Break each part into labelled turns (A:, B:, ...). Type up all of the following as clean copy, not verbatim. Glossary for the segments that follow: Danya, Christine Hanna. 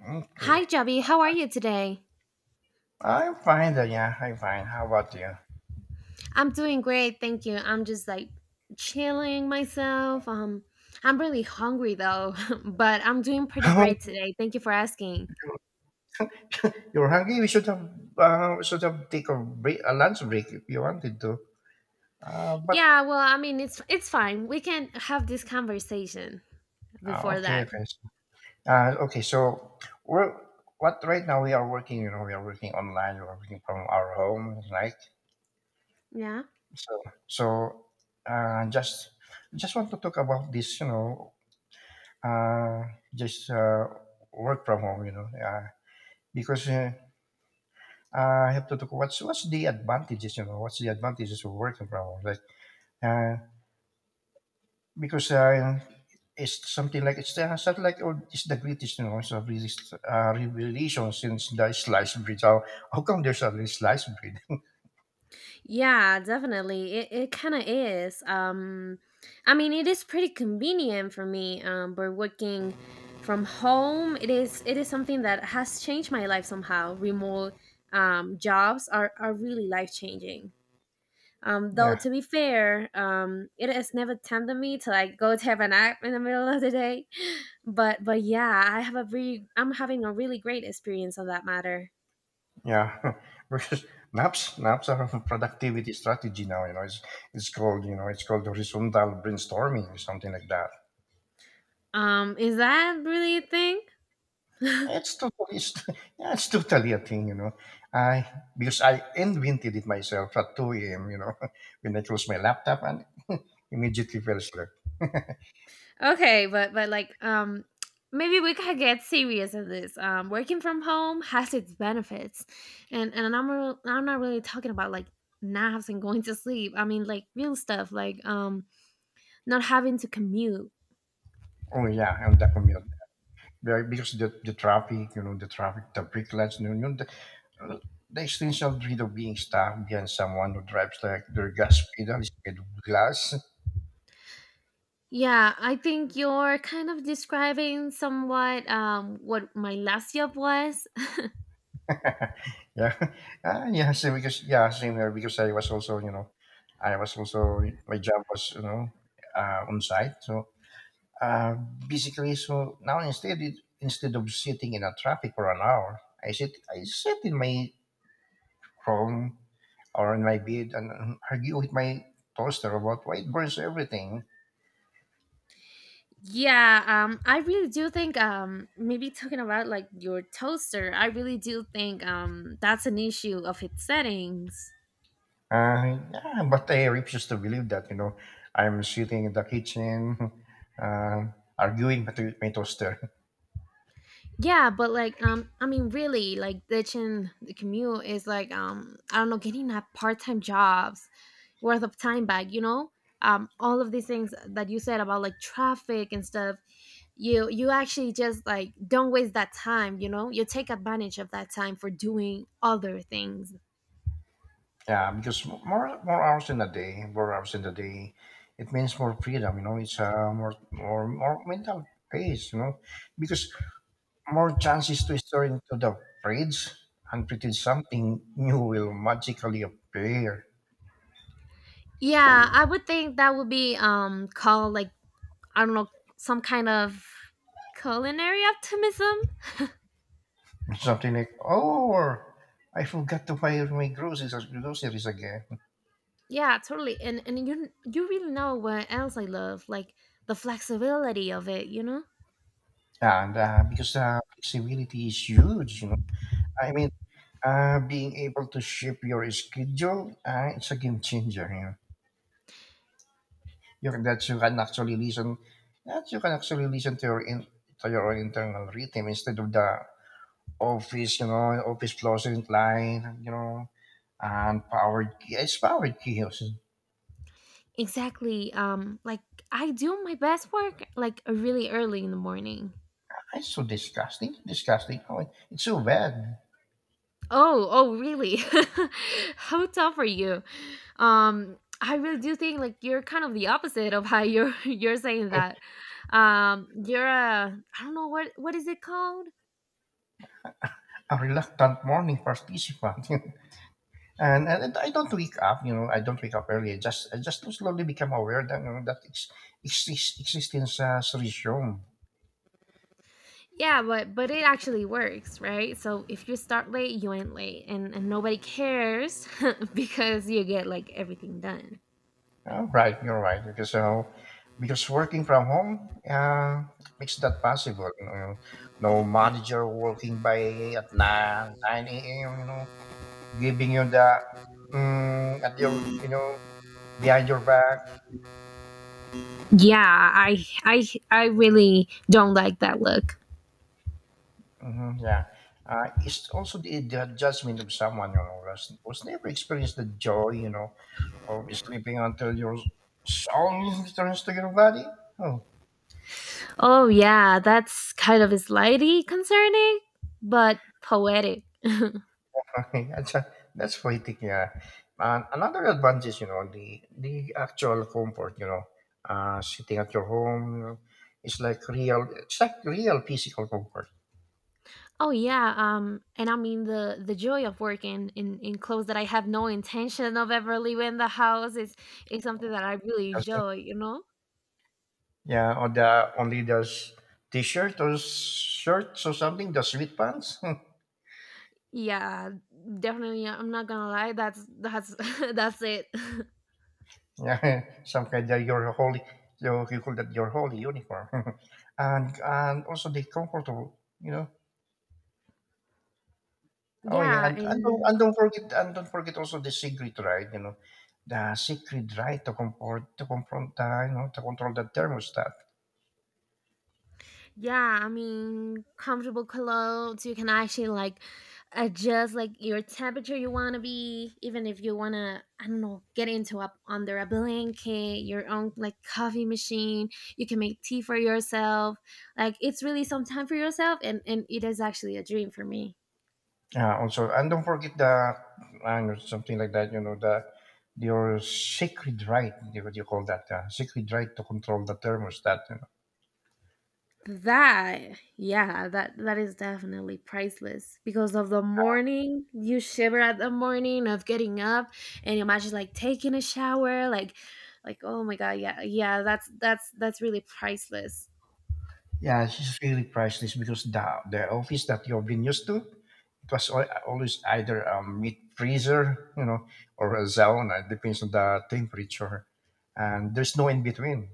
A: Okay.
B: Hi, Jubby. How are you today?
A: I'm fine, Danya. I'm fine. How about you?
B: I'm doing great, thank you. I'm just like chilling myself. I'm really hungry though, but I'm doing pretty great today. Thank you for asking.
A: You're hungry. We should have take a break, a lunch break if you wanted to. But
B: Yeah, well, I mean, it's fine. We can have this conversation before
A: okay,
B: that.
A: okay. Okay. So we're what right now we are working. You know, we are working online. We are working from our home, right?
B: Yeah.
A: So so uh, just just want to talk about this. You know, uh, just work from home. You know, because. I have to talk. What's the advantages? You know, what's the advantages of working from home? Like, uh, because it's something like oh, it's the greatest, you know, it's a really, revelation since the sliced bread. How come there's a really sliced bread?
B: Yeah, definitely. It kind of is. I mean, it is pretty convenient for me but working from home. It is something that has changed my life somehow. Remote jobs are really life-changing. Though
A: Yeah,
B: to be fair, it has never tempted me to like go to have a nap in the middle of the day. But yeah, I'm having a really great experience on that matter.
A: yeah. because Naps are a productivity strategy now. You know, it's called you know it's called horizontal brainstorming or something like that.
B: Is that really a thing?
A: It's totally, it's, yeah, it's totally a thing, you know. I because I invented it myself at 2 a.m. You know, when I closed my laptop and immediately fell asleep.
B: Okay, but like maybe we could get serious on this. Um, working from home has its benefits. And I'm not really talking about like naps and going to sleep. I mean like real stuff like not having to commute.
A: Oh yeah, on the commute. Because the traffic, you know, the traffic, the brake lights, you know, the, the essential dread of being stuck behind someone who drives like their gas pedal is made of glass.
B: Yeah, I think you're kind of describing somewhat what my last job was.
A: yeah. Ah, yeah, same because yeah, same here because I was also, you know, I was also, my job was, you know, on site, so Uh, basically, so now instead of sitting in a traffic for an hour, I sit in my room or in my bed and argue with my toaster about why it burns everything.
B: Yeah, I really do think maybe talking about like your toaster, I really do think that's an issue of its settings.
A: Yeah, but I refuse to believe that. You know, I'm sitting in the kitchen, uh, arguing with my toaster.
B: Yeah, but like I mean really like ditching the commute is like I don't know, getting a part-time job's worth of time back, you know? Um, all of these things that you said about like traffic and stuff, you actually just like don't waste that time, you know? You take advantage of that time for doing other things.
A: Yeah, because more hours in a day, more hours in the day, it means more freedom. You know, it's more mental pace. You know, because more chances to store into the fridge and pretend something new will magically appear.
B: Yeah, I would think that would be called like, I don't know, some kind of culinary optimism.
A: Something like, oh, I forgot to buy my groceries again.
B: Yeah, totally. And you really know what else I love, like the flexibility of it, you know?
A: And because Flexibility is huge, you know. I mean, being able to shape your schedule, it's a game changer. You know, you that you can actually listen, that you can actually listen to your in, to your own internal rhythm instead of the office, you know, office closet line, you know, and power. Yeah, it's power chaos.
B: Exactly. Like I do my best work like really early in the morning.
A: It's so disgusting, disgusting. Oh, it's so bad.
B: Oh, really? How tough are you? I really do think like you're kind of the opposite of how you're you're saying that. You're a, I don't know, what is it called?
A: A reluctant morning participant, and I don't wake up. You know, I don't wake up early. I just slowly become aware that you know, that existence has resumed.
B: Yeah, but it actually works, right? So if you start late, you end late, and nobody cares because you get like everything done.
A: Right, right, you're right because working from home makes that possible. You know, no manager working by at nine a.m. You know, giving you the mm, at your you know behind your back.
B: Yeah, I really don't like that look.
A: Hmm, yeah, it's also the adjustment of someone you know was never experienced the joy you know of sleeping until your soul returns to your body. Oh,
B: Oh yeah, that's kind of slightly concerning, but poetic.
A: Okay, that's poetic, yeah. And another advantage is, you know, the actual comfort, you know, sitting at your home is like real, it's like real physical comfort.
B: Oh yeah, and I mean the joy of working in clothes that I have no intention of ever leaving the house is something that I really
A: Doesn't,
B: enjoy, you know.
A: yeah, or the only those t-shirt or shirts or something, the sweat pants.
B: Yeah, definitely, I'm not gonna lie, that's that's it.
A: Yeah, some kind of your holy, you call that your holy uniform, and also the comfortable, you know. Oh yeah,
B: Yeah,
A: and and don't and
B: and
A: don't forget and don't forget also the secret right, you know, the secret right to comfort to confront the you know to control the thermostat.
B: yeah, I mean, comfortable clothes, you can actually, like, adjust, like, your temperature you wanna be, even if you wanna, I don't know, get into up under a blanket, your own, like, coffee machine, you can make tea for yourself, like, it's really some time for yourself, and it is actually a dream for me.
A: Also, and don't forget the I don't know, something like that, you know, the your sacred right, you- what do you call that? Sacred right to control the thermostat.
B: That, yeah, that is definitely priceless because of the morning, you shiver at the morning of getting up and imagine like taking a shower, like oh my god, yeah, yeah, that's really priceless.
A: Yeah, it's really priceless because the office that you've been used to, it was always either a meat freezer, you know, or a sauna. It depends on the temperature, and there's no in between.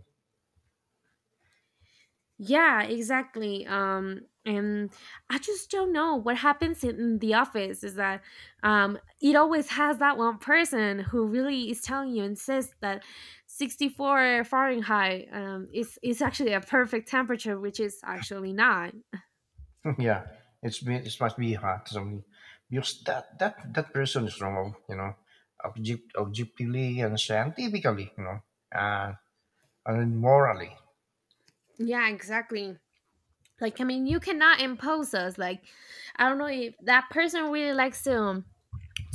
B: Yeah, exactly. And I just don't know what happens in the office is that it always has that one person who really is telling you insists that 64 Fahrenheit is actually a perfect temperature, which is actually not.
A: Yeah, it's been it must be hot. So because that person is wrong, you know, objectively and scientifically, you know, uh, and morally.
B: Yeah, exactly. Like I mean, you cannot impose us. Like I don't know if that person really likes to.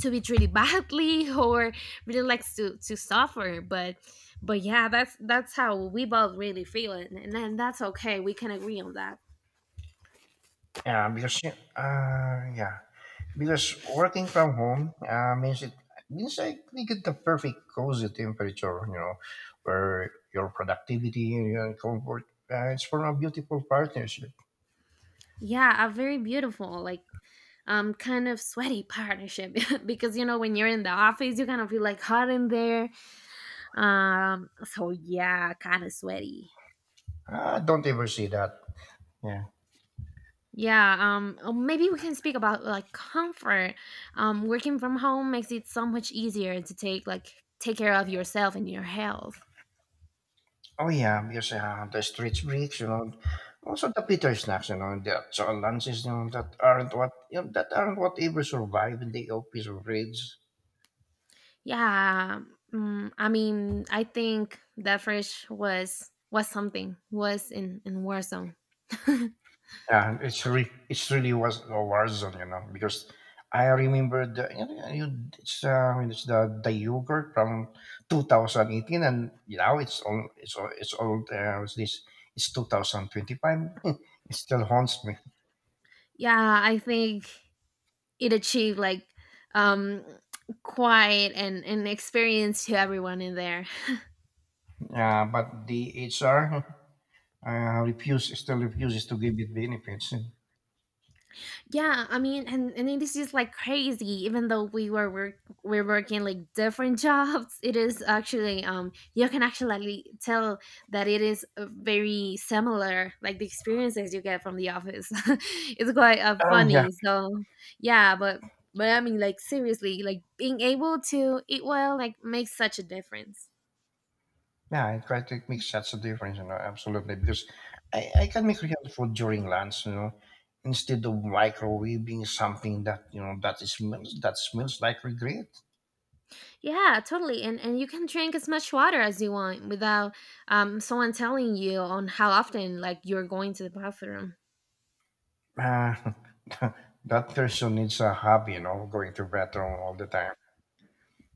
B: To it really badly or really likes to suffer, but yeah, that's how we both really feel, and then that's okay, we can agree on that.
A: Yeah, because uh, yeah. Working from home means I think it's the perfect cozy temperature, you know, where your productivity and your comfort it's from a beautiful partnership.
B: Yeah, a very beautiful like, um, kind of sweaty partnership because you know, when you're in the office you kind of feel like hot in there, um, so yeah, kind of sweaty.
A: I don't ever see that. Yeah.
B: Yeah, um, oh, maybe we can speak about like comfort. Um, working from home makes it so much easier to take like take care of yourself and your health.
A: Oh yeah, because the street breaks, you know, also the Peter snacks, you know, the lunches, you know, that aren't what you know, that aren't what ever survive in the office or fridge.
B: Yeah, mm, I mean, I think that fresh was something was in Warzone.
A: Yeah, it's really was a war zone, you know, because I remember the you know, you- it's I mean, it's the yogurt from 2018, and now it's all it's all it's all it's this it's 2025. It still haunts me.
B: Yeah, I think it achieved like, um quiet and an experience to everyone in there.
A: But the HR refuse still refuses to give it benefits.
B: Yeah, I mean, and it is just like crazy. Even though we're working like different jobs, it is actually um, you can actually tell that it is very similar. Like the experiences you get from the office, it's quite
A: Yeah.
B: funny. So yeah, but I mean, like seriously, like being able to eat well like makes such a difference.
A: Yeah, it right, it makes such a difference, you know, absolutely. Because I can make real food during lunch, you know, instead of microwaving something that, you know, that is smells that smells like regret.
B: Yeah, totally. And you can drink as much water as you want without um, someone telling you on how often like you're going to the bathroom.
A: Uh, that person needs a hobby, you know, going to bathroom all the time.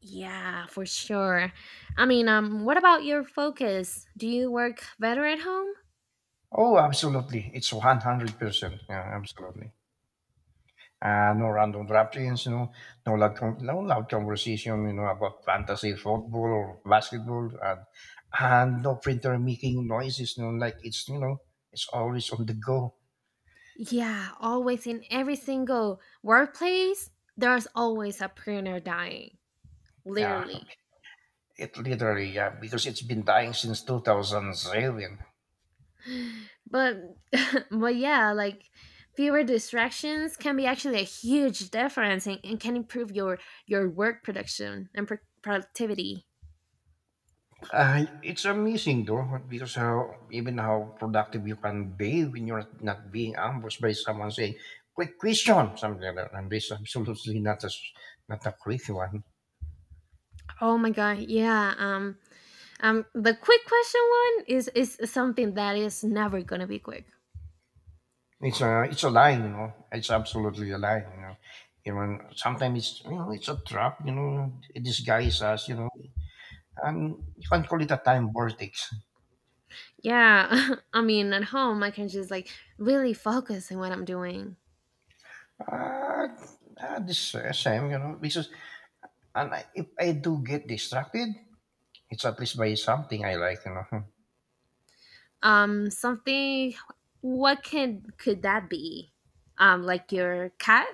B: Yeah, for sure. I mean, what about your focus? Do you work better at home?
A: Oh, absolutely. It's 100%. Yeah, absolutely. No random draftings, you know, no loud conversation, you know, about fantasy football or basketball, and no printer making noises, you know, like it's, you know, it's always on the go.
B: Yeah, always in every single workplace, there's always a printer dying,
A: Yeah,
B: literally.
A: it literally, yeah, because it's been dying since 2007.
B: But but yeah, like fewer distractions can be actually a huge difference and, can improve your work production and productivity.
A: It's amazing though, because how, even how productive you can be when you're not being ambushed by someone saying, quick question, something like that, and this is absolutely not a quick one.
B: Oh my god, yeah. Um, the quick question one is something that is never going to be quick.
A: It's a lie, you know. It's absolutely a lie, you know. Even sometimes it's you know it's a trap, you know. It disguises us, you know. And you can call it a time vortex.
B: Yeah, I mean, at home, I can just like really focus on what I'm doing.
A: Uh, this Same, you know, because and if I do get distracted, it's at least by something I like, you know.
B: Something. What can could that be? Like your cat.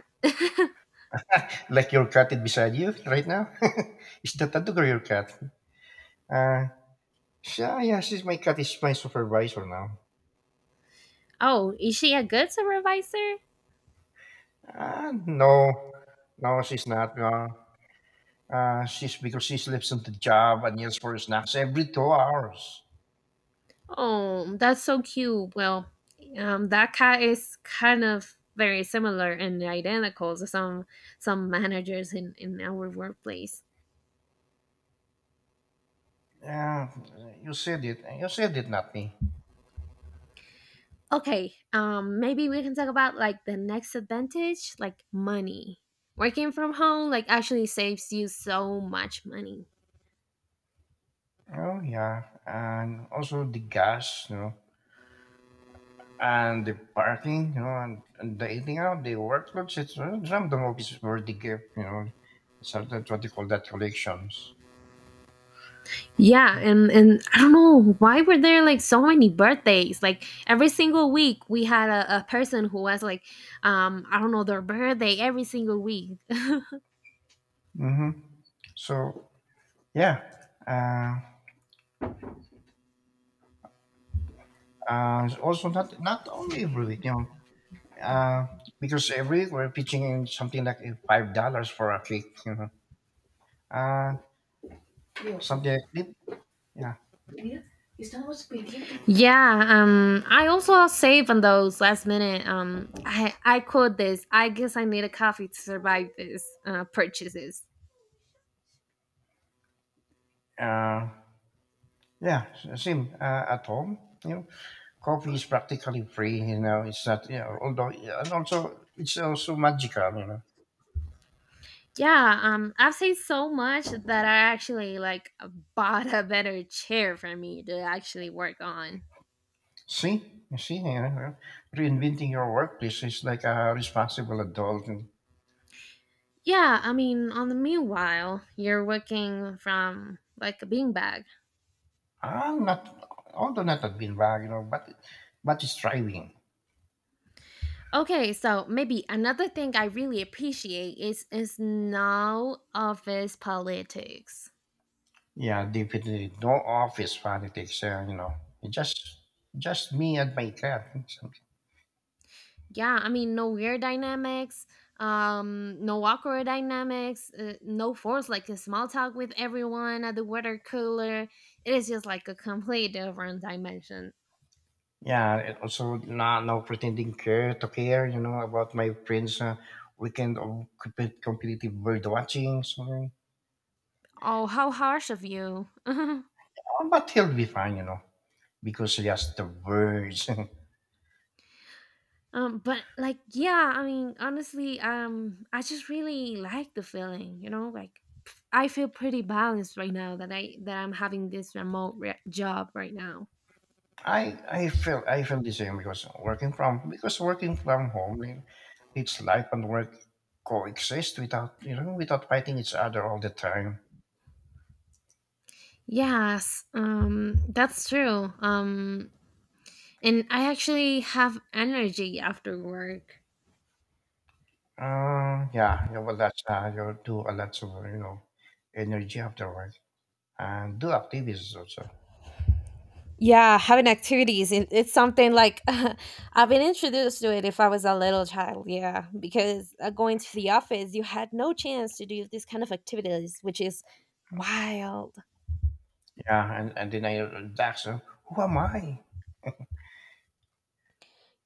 A: Like your cat is beside you right now. Is that a dog or your cat? Uh, yeah, yeah, she's my cat. Is my supervisor now.
B: Oh, is she a good supervisor?
A: Uh, no, no, she's not. No. She's because she sleeps on the job and yells for snacks every 2 hours.
B: Oh, that's so cute. Well, that cat is kind of very similar and identical to some managers in our workplace.
A: Yeah, you said it. You said it, not me.
B: Okay, maybe we can talk about like the next advantage, like money. Working from home like actually saves you so much money.
A: Oh yeah, and also the gas, you know, and the parking, you know, and the eating out, the workloads. It's Some of it is worth the gift, you know. So that's what they call that collections.
B: Yeah, and I don't know why were there like so many birthdays. Like every single week we had a person who was like, I don't know their birthday every single week.
A: Mm-hmm. So yeah, uh, also not not only every week, you know. Uh, because every week we're pitching something like $5 for a cake, you know. Uh, Something like that. Yeah.
B: Yeah, I also save on those last minute. I quote this. I guess I need a coffee to survive this purchases.
A: Uh, Same at home. You know, coffee is practically free. You know, it's not. You know, although and also it's also magical, you know.
B: Yeah, I've saved so much that I actually like bought a better chair for me to actually work on.
A: See, you know, reinventing your workplace is like a responsible adult. And
B: Yeah, I mean, on the meanwhile, you're working from like a beanbag.
A: I'm not, although not a beanbag, you know, but it's thriving.
B: Okay, so maybe another thing I really appreciate is no office politics.
A: Yeah, definitely. No office politics. You know, just just me and my cat. Something.
B: Yeah, I mean, no weird dynamics, um, no awkward dynamics, no force like a small talk with everyone at the water cooler. It is just like a complete different dimension.
A: Yeah, and also not no pretending care to care. You know about my friends' weekend of competitive bird watching. Something.
B: Oh, how harsh of you. Um,
A: Oh, but he'll be fine. You know, because just the birds.
B: but like yeah, I mean honestly, um, I just really like the feeling, you know, like pff, I feel pretty balanced right now that I that I'm having this remote job right now.
A: I feel the same because working from home, you know, it's life and work coexist without you know without fighting each other all the time.
B: Yes, um, that's true, um, and I actually have energy after work.
A: Yeah, yeah, well, that's you do a lot of you know energy afterward and do activities also.
B: Yeah, having activities, it's something like I've been introduced to it if I was a little child. Yeah, because going to the office, you had no chance to do this kind of activities, which is wild.
A: Yeah, and then I that's who am I?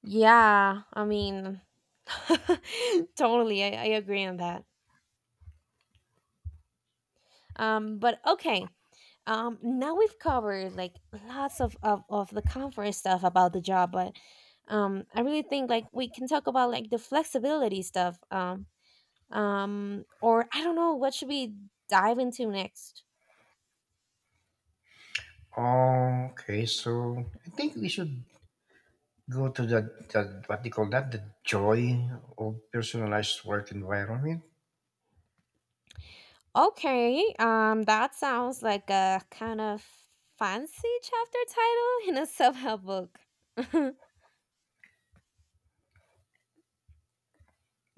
B: Yeah, I mean, totally, I agree on that. But okay. Now we've covered like lots of the comfort stuff about the job, but I really think like we can talk about like the flexibility stuff. Um, or I don't know what should we dive into next.
A: Okay, so I think we should go to the what they call that the joy of personalized work environment.
B: Okay, that sounds like a kind of fancy chapter title in a self-help book.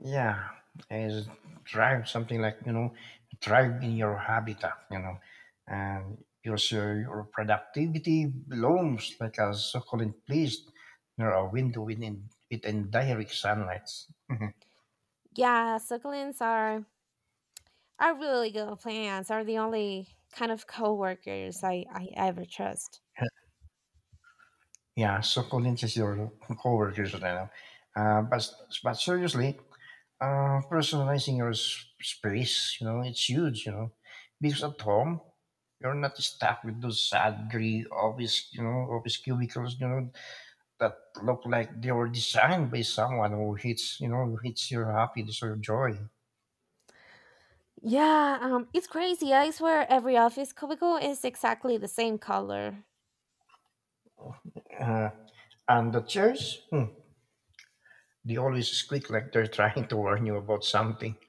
A: Yeah, is drive something like you know, drive in your habitat, you know, and your so your productivity blooms like a succulent place near a window within direct sunlight.
B: Yeah, succulents are our really good plans are the only kind of coworkers I ever trust.
A: Yeah, succulent is your coworkers, you know. Uh, but but seriously, personalizing your space, you know, it's huge, you know, because at home you're not stuck with those sad, gray office, you know, office cubicles, you know that look like they were designed by someone who hits you know hits your happiness or joy.
B: Yeah, it's crazy. I swear every office cubicle is exactly the same color.
A: Uh, and the chairs, hmm, they always squeak like they're trying to warn you about something.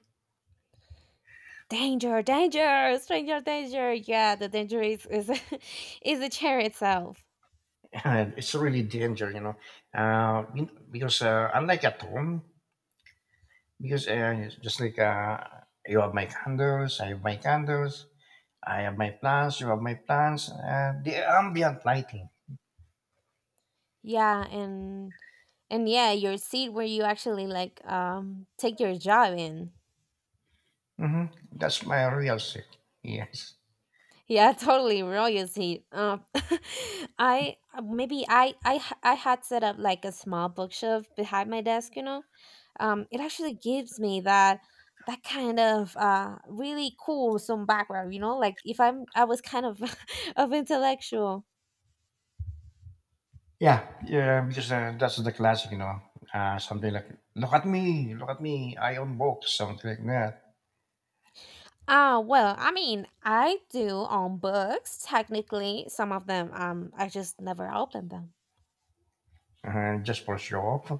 B: Danger, danger, stranger danger. Yeah, the danger is, is the chair itself.
A: And it's really danger, you know. You- because Unlike at home, because just like you have my candles, I have my candles, I have my plants, you have my plants. The ambient lighting.
B: Yeah, and yeah, your seat where you actually like um, take your job in.
A: hmm That's my real sick. Yes.
B: Yeah, totally royalty. I maybe I I had set up like a small bookshelf behind my desk. You know, it actually gives me that that kind of uh, really cool some background. You know, like if I'm I was kind of of intellectual.
A: Yeah, yeah, because that's the classic, you know. Something like, look at me, I own books, something like that.
B: Ah, well, I mean, I do own books technically. Some of them, I just never open them.
A: Just for show off.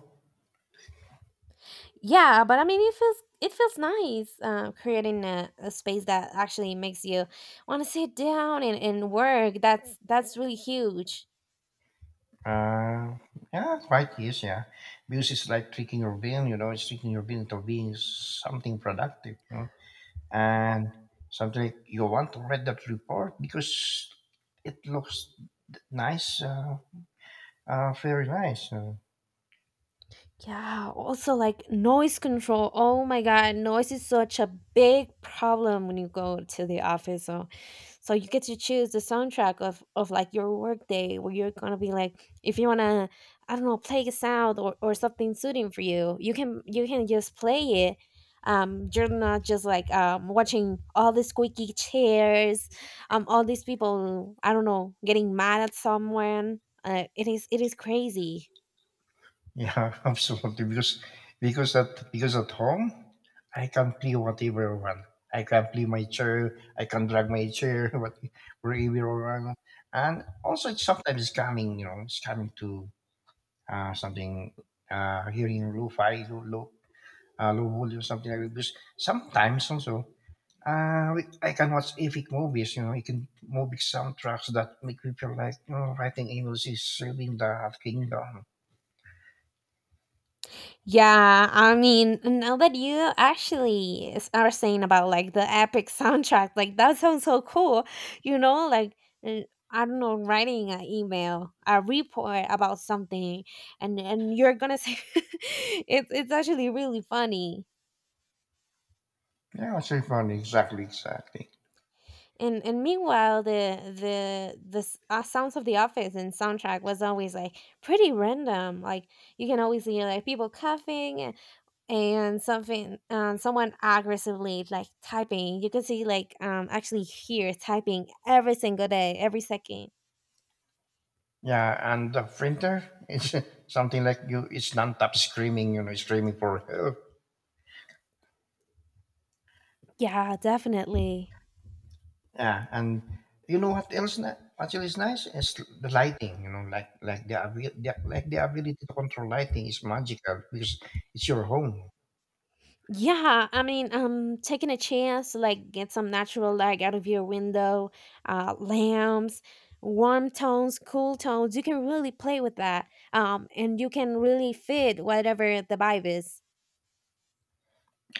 B: Yeah, but I mean it feels nice, creating a space that actually makes you want to sit down and, work. That's really huge.
A: Uh, yeah, quite yes, yeah. Because it's like tricking your brain, you know, it's tricking your brain into being something productive, you know. And something like, you want to read that report because it looks nice, very nice.
B: Yeah, also like noise control. Oh my god, noise is such a big problem when you go to the office, so so you get to choose the soundtrack of like your work day, where you're gonna be like if you wanna, I don't know, play a sound or, something suiting for you, you can just play it. You're not just like watching all the squeaky chairs, all these people I don't know getting mad at someone. It is crazy.
A: Yeah, absolutely. Because at home, I can play whatever I want. I can play my chair. I can drag my chair wherever I want. And also, it's sometimes it's coming. You know, it's coming to something, hearing lo-fi, low volume, something like that. Because sometimes also, I can watch epic movies. You know, you can movie soundtracks that make me feel like you know, writing emails is serving the kingdom.
B: Yeah, I mean, now that you actually are saying about like the epic soundtrack, like that sounds so cool. You know, like uh, I don't know, writing an email, a report about something, and you're gonna say it's actually really funny.
A: Yeah, it's funny. Exactly, exactly.
B: And meanwhile, the sounds of the office and soundtrack was always like pretty random. Like you can always hear like people coughing and something, someone aggressively like typing. You can see like actually here typing every single day, every second.
A: Yeah, and the printer is something like you. It's non-stop screaming, you know, screaming for help.
B: Yeah, definitely.
A: Yeah, and you know what else? Actually, is nice is the lighting. You know, like the like the ability to control lighting is magical because it's your home.
B: Yeah, I mean, taking a chance to like get some natural light out of your window, lamps, warm tones, cool tones, you can really play with that. And you can really fit whatever the vibe is.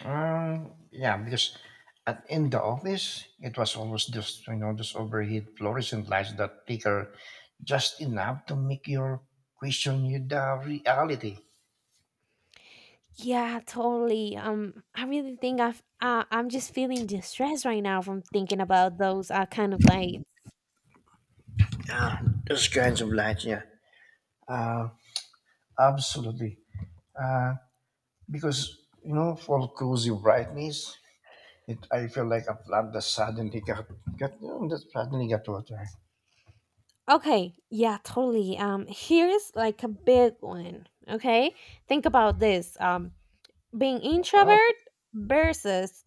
A: Yeah, because at in the office it was always just you know this overhead fluorescent lights that flicker just enough to make you question you the reality.
B: Yeah, totally. I really think I've I'm just feeling distressed right now from thinking about those kind of like.
A: Yeah, those kinds of lights. Yeah, uh, absolutely. Uh, because you know, for cozy brightness, it I feel like a plant that suddenly got you know, that suddenly got water.
B: Okay, yeah, totally. Here's like a big one. Okay, think about this. Being
A: Oh,
B: introvert versus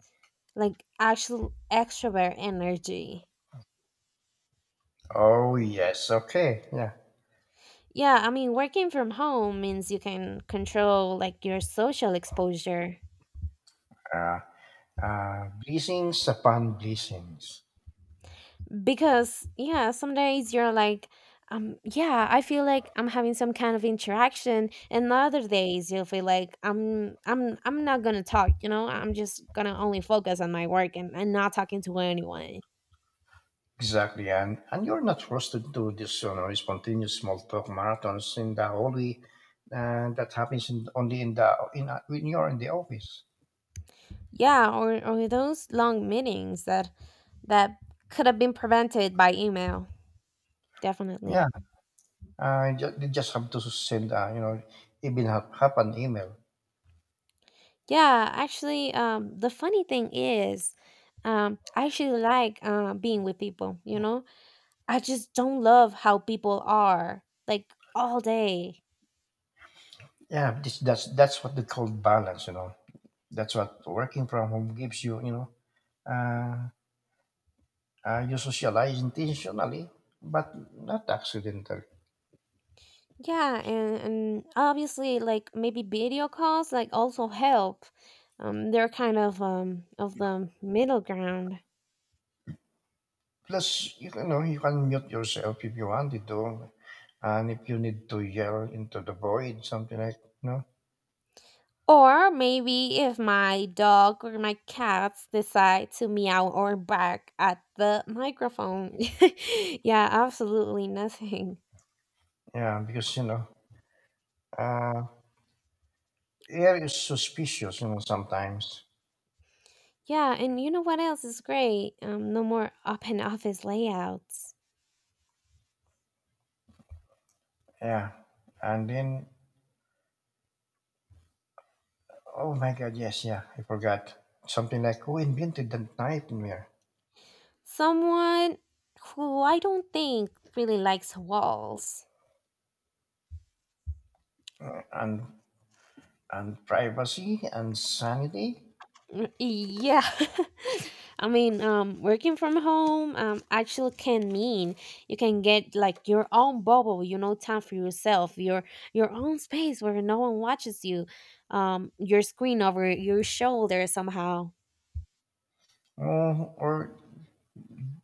B: like actual extrovert energy.
A: oh yes, okay, yeah.
B: Yeah, I mean, working from home means you can control like your social exposure,
A: Uh, Blessings upon blessings.
B: because yeah, some days you're like, yeah, I feel like I'm having some kind of interaction, and other days you'll feel like I'm not gonna talk, you know, I'm just gonna only focus on my work and, not talking to anyone.
A: Exactly, and you're not forced to do this, you know, spontaneous small talk marathons in the hallway, that happens only when you're in the office.
B: Yeah, or those long meetings that that could have been prevented by email.
A: Yeah.
B: Definitely.
A: They just have to send, you know, even have an email.
B: Yeah, actually, the funny thing is, I actually like being with people, you know. I just don't love how people are like all day.
A: Yeah, this, that's what they call balance. You know, that's what working from home gives you. You know, uh, you socialize intentionally, but not accidentally.
B: Yeah, and obviously like maybe video calls like also help. They're kind of the middle ground.
A: Plus, you know, you can mute yourself if you wanted to, and if you need to yell into the void, something like you know,
B: Or maybe if my dog or my cats decide to meow or bark at the microphone. Yeah, absolutely nothing.
A: yeah, because you know, uh, air is suspicious. You know, sometimes,
B: Yeah, and you know what else is great? No more open office layouts.
A: yeah, and then, oh my God, yes, yeah, I forgot. Something like who invented the nightmare?
B: Someone who I don't think really likes walls.
A: Uh, and and privacy and sanity,
B: Yeah. I mean, working from home, actually can mean you can get like your own bubble, you know, time for yourself, your own space where no one watches you, your screen over your shoulder somehow.
A: oh, or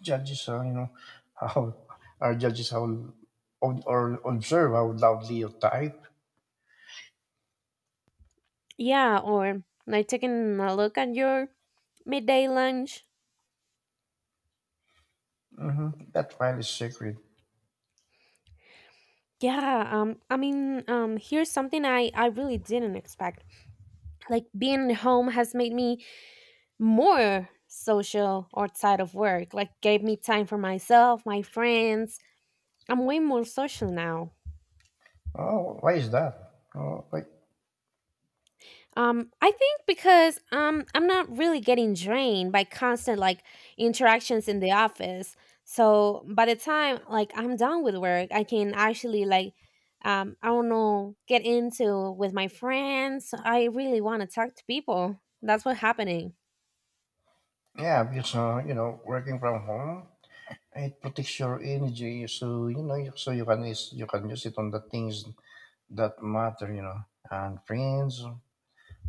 A: judges, you know, how our judges how ob- or observe how loudly you type.
B: Yeah, or like taking a look at your midday lunch.
A: That file is sacred.
B: Yeah, I mean, here's something I really didn't expect. Like being home has made me more social outside of work, like gave me time for myself, my friends. I'm way more social now.
A: Oh, why is that? Oh, like
B: I think because I'm not really getting drained by constant like interactions in the office, so by the time like I'm done with work, I can actually like, I don't know, get into with my friends. I really want to talk to people. That's what's happening.
A: yeah, because you know, working from home, it protects your energy, so you know, so you can use it on the things that matter, you know, and friends,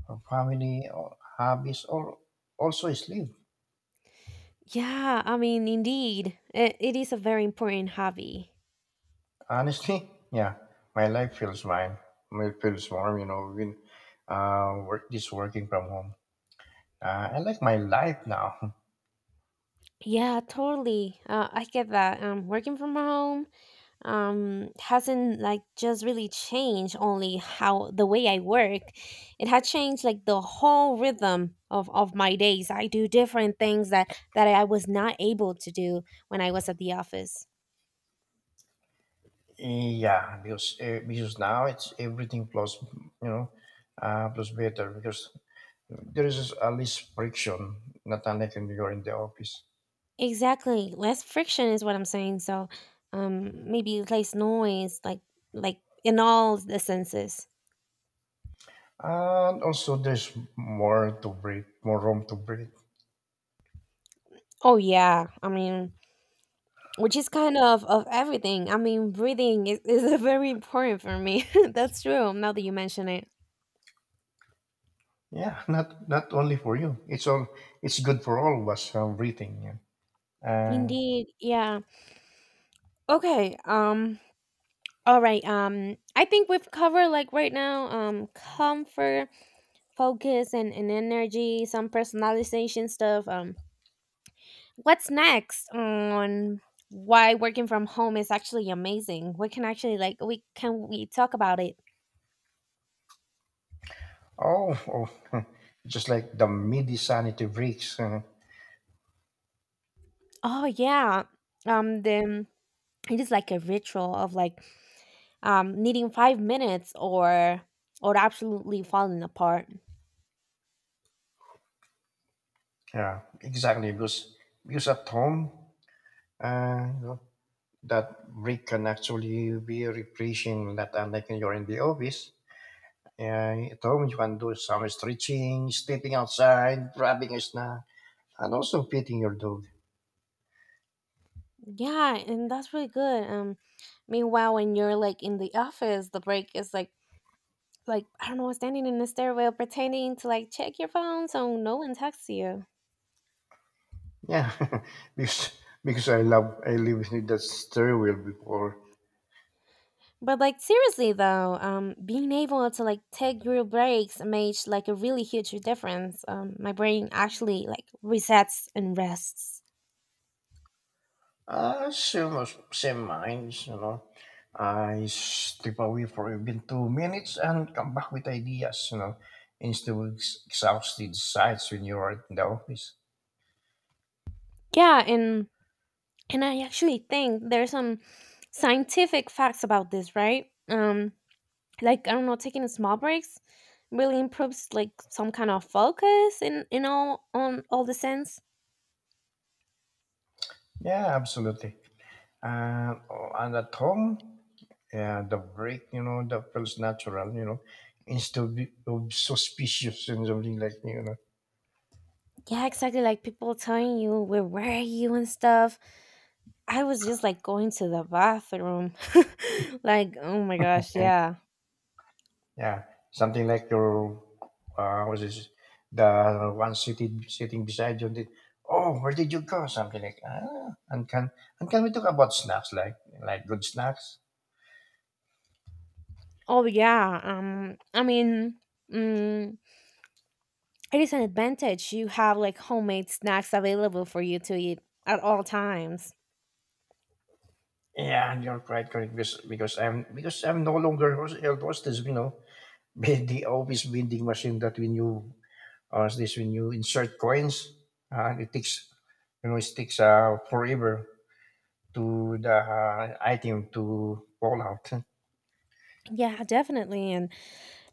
A: or family, or hobbies, or also sleep.
B: Yeah, I mean, indeed, it is a very important hobby.
A: Honestly, yeah, my life feels mine. It feels warm, you know, when working from home. I like my life now.
B: Yeah, totally. I get that. Working from home, hasn't like just really changed only how the way I work. It had changed like the whole rhythm of, my days. I do different things that, I was not able to do when I was at the office.
A: Yeah, because now it's everything plus, you know, plus better because there is at least friction, not unlike when you're in the office.
B: Exactly. Less friction is what I'm saying. So maybe less noise, like in all the senses.
A: And also, there's more to breathe, more room to breathe.
B: Oh yeah, I mean, which is kind of everything. I mean, breathing is very important for me. That's true. Now that you mention it,
A: Yeah, not not only for you. It's all it's good for all of us breathing. Yeah. Uh,
B: indeed, yeah. Okay. All right. I think we've covered like right now. Comfort, focus, and energy. Some personalization stuff. What's next on why working from home is actually amazing? We can actually like we talk about it.
A: oh, oh, just like the midi sanity breaks.
B: Oh yeah. Then it is like a ritual of like needing 5 minutes or absolutely falling apart.
A: Yeah, exactly. Because at home, you know, that break can actually be refreshing. Not unlike when you're in the office. At home, you can do some stretching, stepping outside, grabbing a snack, and also feeding your dog.
B: Yeah, and that's really good. Meanwhile, when you're like in the office, the break is like, I don't know, standing in the stairwell pretending to like check your phone so no one texts you.
A: Yeah, because I live in that stairwell before.
B: But like seriously though, being able to like take your breaks made like a really huge difference. My brain actually like resets and rests.
A: Same, same minds, you know. I step away for even two minutes and come back with ideas, you know, instead of exhausted sights when you are in the office.
B: Yeah, and I actually think there's some scientific facts about this, right? Like I don't know, taking small breaks really improves like some kind of focus in all on all the sense.
A: Yeah, absolutely. And, oh, and at home, yeah, the break, you know, that feels natural, you know, instead of suspicious and something like, you know.
B: Yeah, exactly. Like people telling you where were you and stuff. I was just like going to the bathroom. Like, oh my gosh, yeah.
A: Yeah, something like your what is it? The one sitting sitting beside you? Did, oh, where did you go? Something like ah, and can we talk about snacks like good snacks?
B: Oh yeah. I mean, mm, it is an advantage you have like homemade snacks available for you to eat at all times.
A: Yeah, and you're quite correct because I'm no longer held hostage. You know, with the office vending machine that when you insert coins, it takes you know it takes forever to the item to fall out.
B: Yeah, definitely. And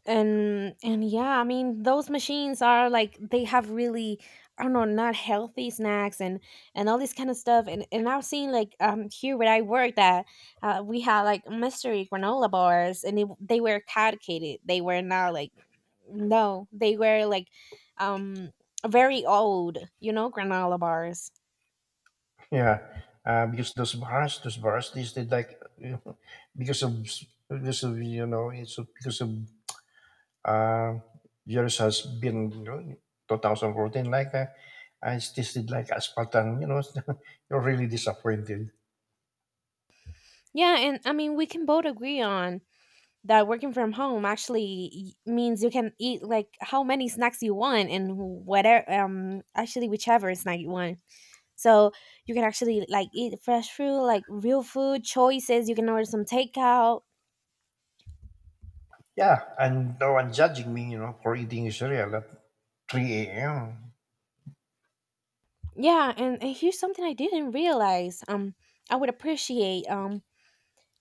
B: and and yeah, I mean, those machines are like they have really, I don't know, not healthy snacks and all this kind of stuff. And I've seen like here where I work that we had like mystery granola bars, and they were caducated. They were not like, no, they were like um very old, you know, granola bars.
A: Yeah, because those bars, they did like because of because of you know it's because of uh, yours has been you know 2014 like I tasted like asphalt and you know you're really disappointed.
B: Yeah, and I mean, we can both agree on that working from home actually means you can eat like how many snacks you want, and whatever, actually whichever snack you want. So you can actually like eat fresh food, like real food choices. You can order some takeout.
A: Yeah, and no one judging me, you know, for eating cereal at 3 a.m.
B: Yeah, and here's something I didn't realize, I would appreciate.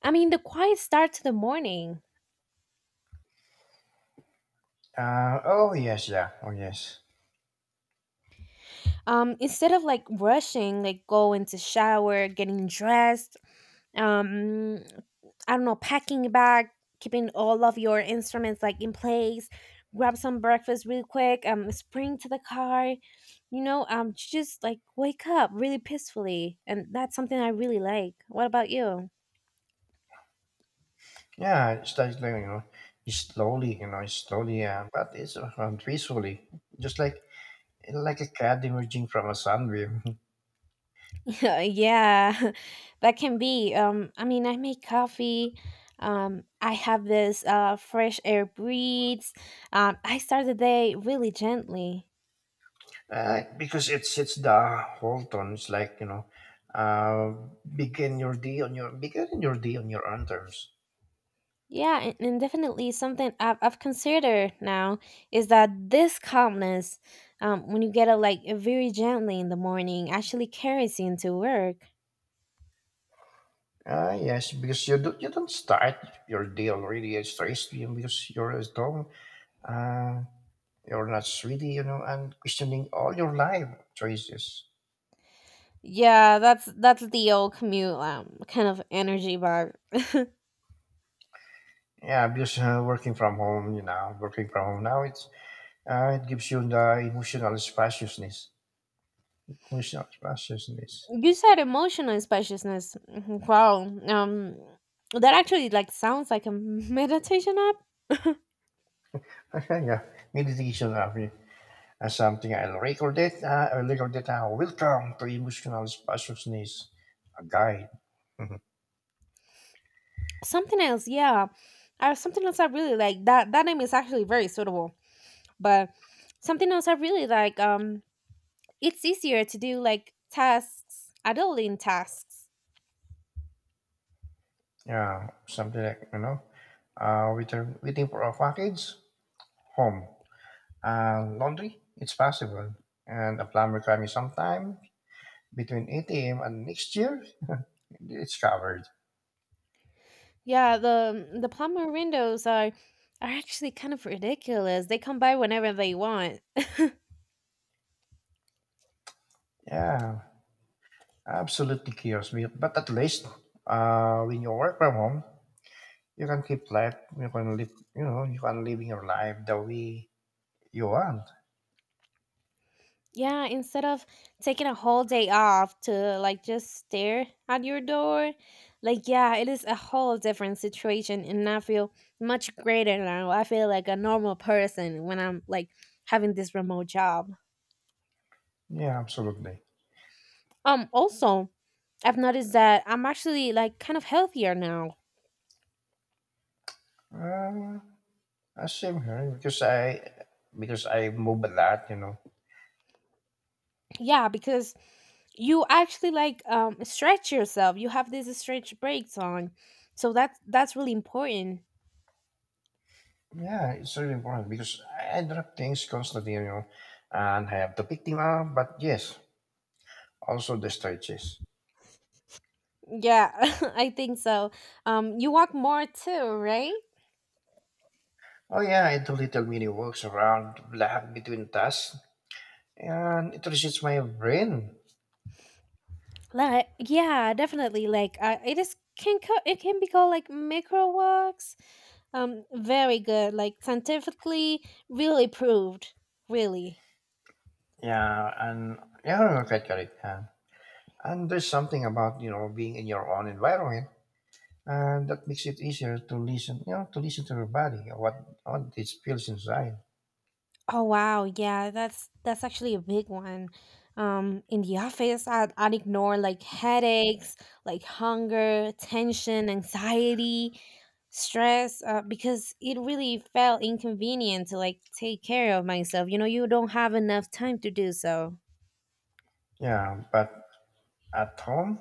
B: I mean the quiet start to the morning.
A: Oh yes, yeah, oh yes,
B: Instead of like rushing, like going to shower, getting dressed, um I don't know, packing a bag, keeping all of your instruments like in place, grab some breakfast real quick, spring to the car, you know, just like wake up really peacefully, and that's something I really like. What about you?
A: yeah. It's like you know, it's slowly, you know, but it's peacefully, just like a cat emerging from a sunbeam.
B: Yeah, that can be. I mean, I make coffee. I have this fresh air breathes. I start the day really gently.
A: Because it's the whole tone it's like you know uh, begin your day on your own terms.
B: Yeah, and definitely something I've considered now is that this calmness, when you get it like very gently in the morning, actually carries you into work.
A: Ah yes, because you do, you don't start your day already as stressed you know, because you're at home. Uh, you're not really, you know, and questioning all your life choices.
B: Yeah, that's the old commute, kind of energy vibe.
A: Yeah, because working from home, you know, working from home now, it's it gives you the emotional spaciousness. Emotional spaciousness.
B: You said emotional spaciousness. Mhm, wow, um that actually like sounds like a meditation app.
A: Yeah. Meditation are something I'll record it. I'll record it now. Welcome to Emotional Spaciousness, a guide. Mhm.
B: Something else, yeah. Something else I really like, that name is actually very suitable. But something else I really like, it's easier to do like tasks, adulting tasks.
A: Yeah, something like, you know, waiting for a package, home, and laundry. It's possible. And a plumber coming sometime between 8 a.m. and next year, it's covered.
B: Yeah, the plumber windows are actually kind of ridiculous. They come by whenever they want.
A: Yeah, absolutely chaos. But at least when you work from home, you can keep life. You can live. You know, you can live your life the way you want.
B: Yeah, instead of taking a whole day off to like just stare at your door, like yeah, it is a whole different situation and I feel much greater now. I feel like a normal person when I'm like having this remote job.
A: Yeah, absolutely.
B: Also, I've noticed that I'm actually like kind of healthier now.
A: Uh, Same here because I move a lot. You know.
B: Yeah, because you actually like stretch yourself. You have these stretch breaks on. So that's really important.
A: Yeah, it's really important because I drop things constantly. You know, and I have to pick them up. But yes, also the stretches.
B: Yeah, I think so. You walk more too, right?
A: Oh yeah, I do little mini walks around black between tasks, and it resets my brain.
B: Like, yeah, definitely. Like, it is, it can be called like micro walks. Very good. Like scientifically, really proved. Really.
A: Yeah, and yeah, okay, correct. Yeah. And there's something about you know being in your own environment, and that makes it easier to listen. You know, to listen to your body, what it feels inside.
B: Oh wow, yeah, that's actually a big one. In the office, I'd ignore like headaches, like hunger, tension, anxiety, stress, because it really felt inconvenient to like take care of myself. You know, you don't have enough time to do so.
A: Yeah, but at home,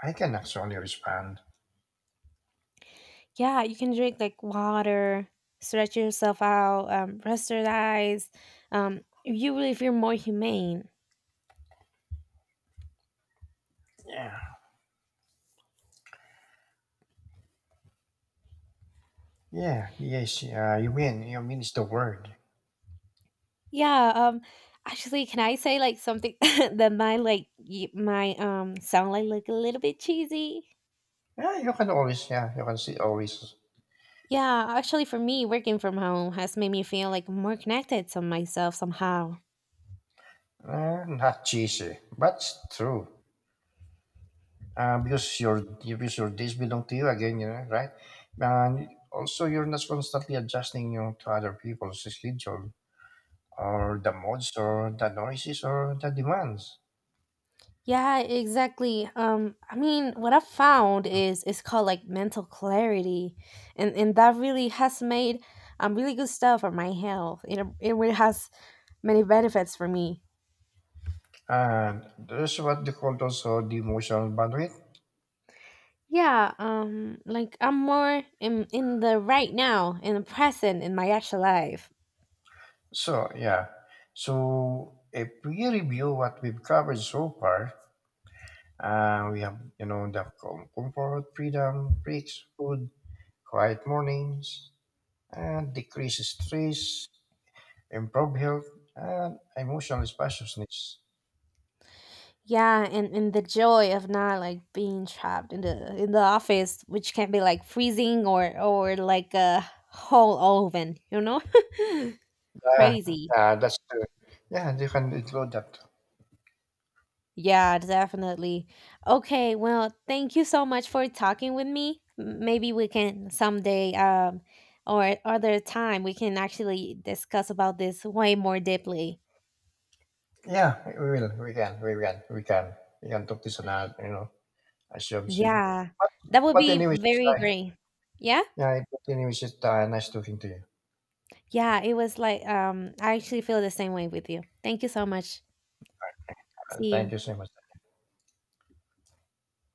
A: I can actually respond.
B: Yeah, you can drink like water, stretch yourself out, rest your eyes. You really feel more humane.
A: Yeah, yeah, yes. You mean it's the word.
B: Yeah, actually, can I say, like, something that might, like, y might, sound like a little bit cheesy?
A: Yeah, you can always. Yeah, you can see always.
B: Yeah, actually, for me, working from home has made me feel, like, more connected to myself somehow.
A: Not cheesy, but it's true. Because your days belong to you again. You know, right? And also, you're not constantly adjusting you know, to other people's schedule or the modes, or the noises or the demands.
B: Yeah, exactly. I mean, what I found is it's called, like, mental clarity, and that really has made, really good stuff for my health. It really has many benefits for me.
A: And that's what they call also the emotional bandwidth.
B: Yeah, like I'm more in the right now, in the present, in my actual life.
A: So yeah. So if we review what we've covered so far, we have you know the comfort, freedom, breaks, food, quiet mornings, and decreased stress, improved health, and emotional spaciousness.
B: Yeah, and the joy of not like being trapped in the office, which can be like freezing or like a whole oven, you know?
A: Yeah,
B: Crazy.
A: yeah, that's true. Yeah, you can include that.
B: Yeah, definitely. Okay, well, thank you so much for talking with me. Maybe we can someday, or other time, we can actually discuss about this way more deeply.
A: Yeah, we will. We can talk this another, you know, as you have said.
B: Yeah,
A: But,
B: that would
A: but
B: be
A: anyways, it's
B: very
A: like,
B: great. Yeah?
A: Yeah, but anyways, it's nice talking to you.
B: Yeah, it was like I actually feel the same way with you. Thank you so much. See
A: Thank
B: you.
A: you so much.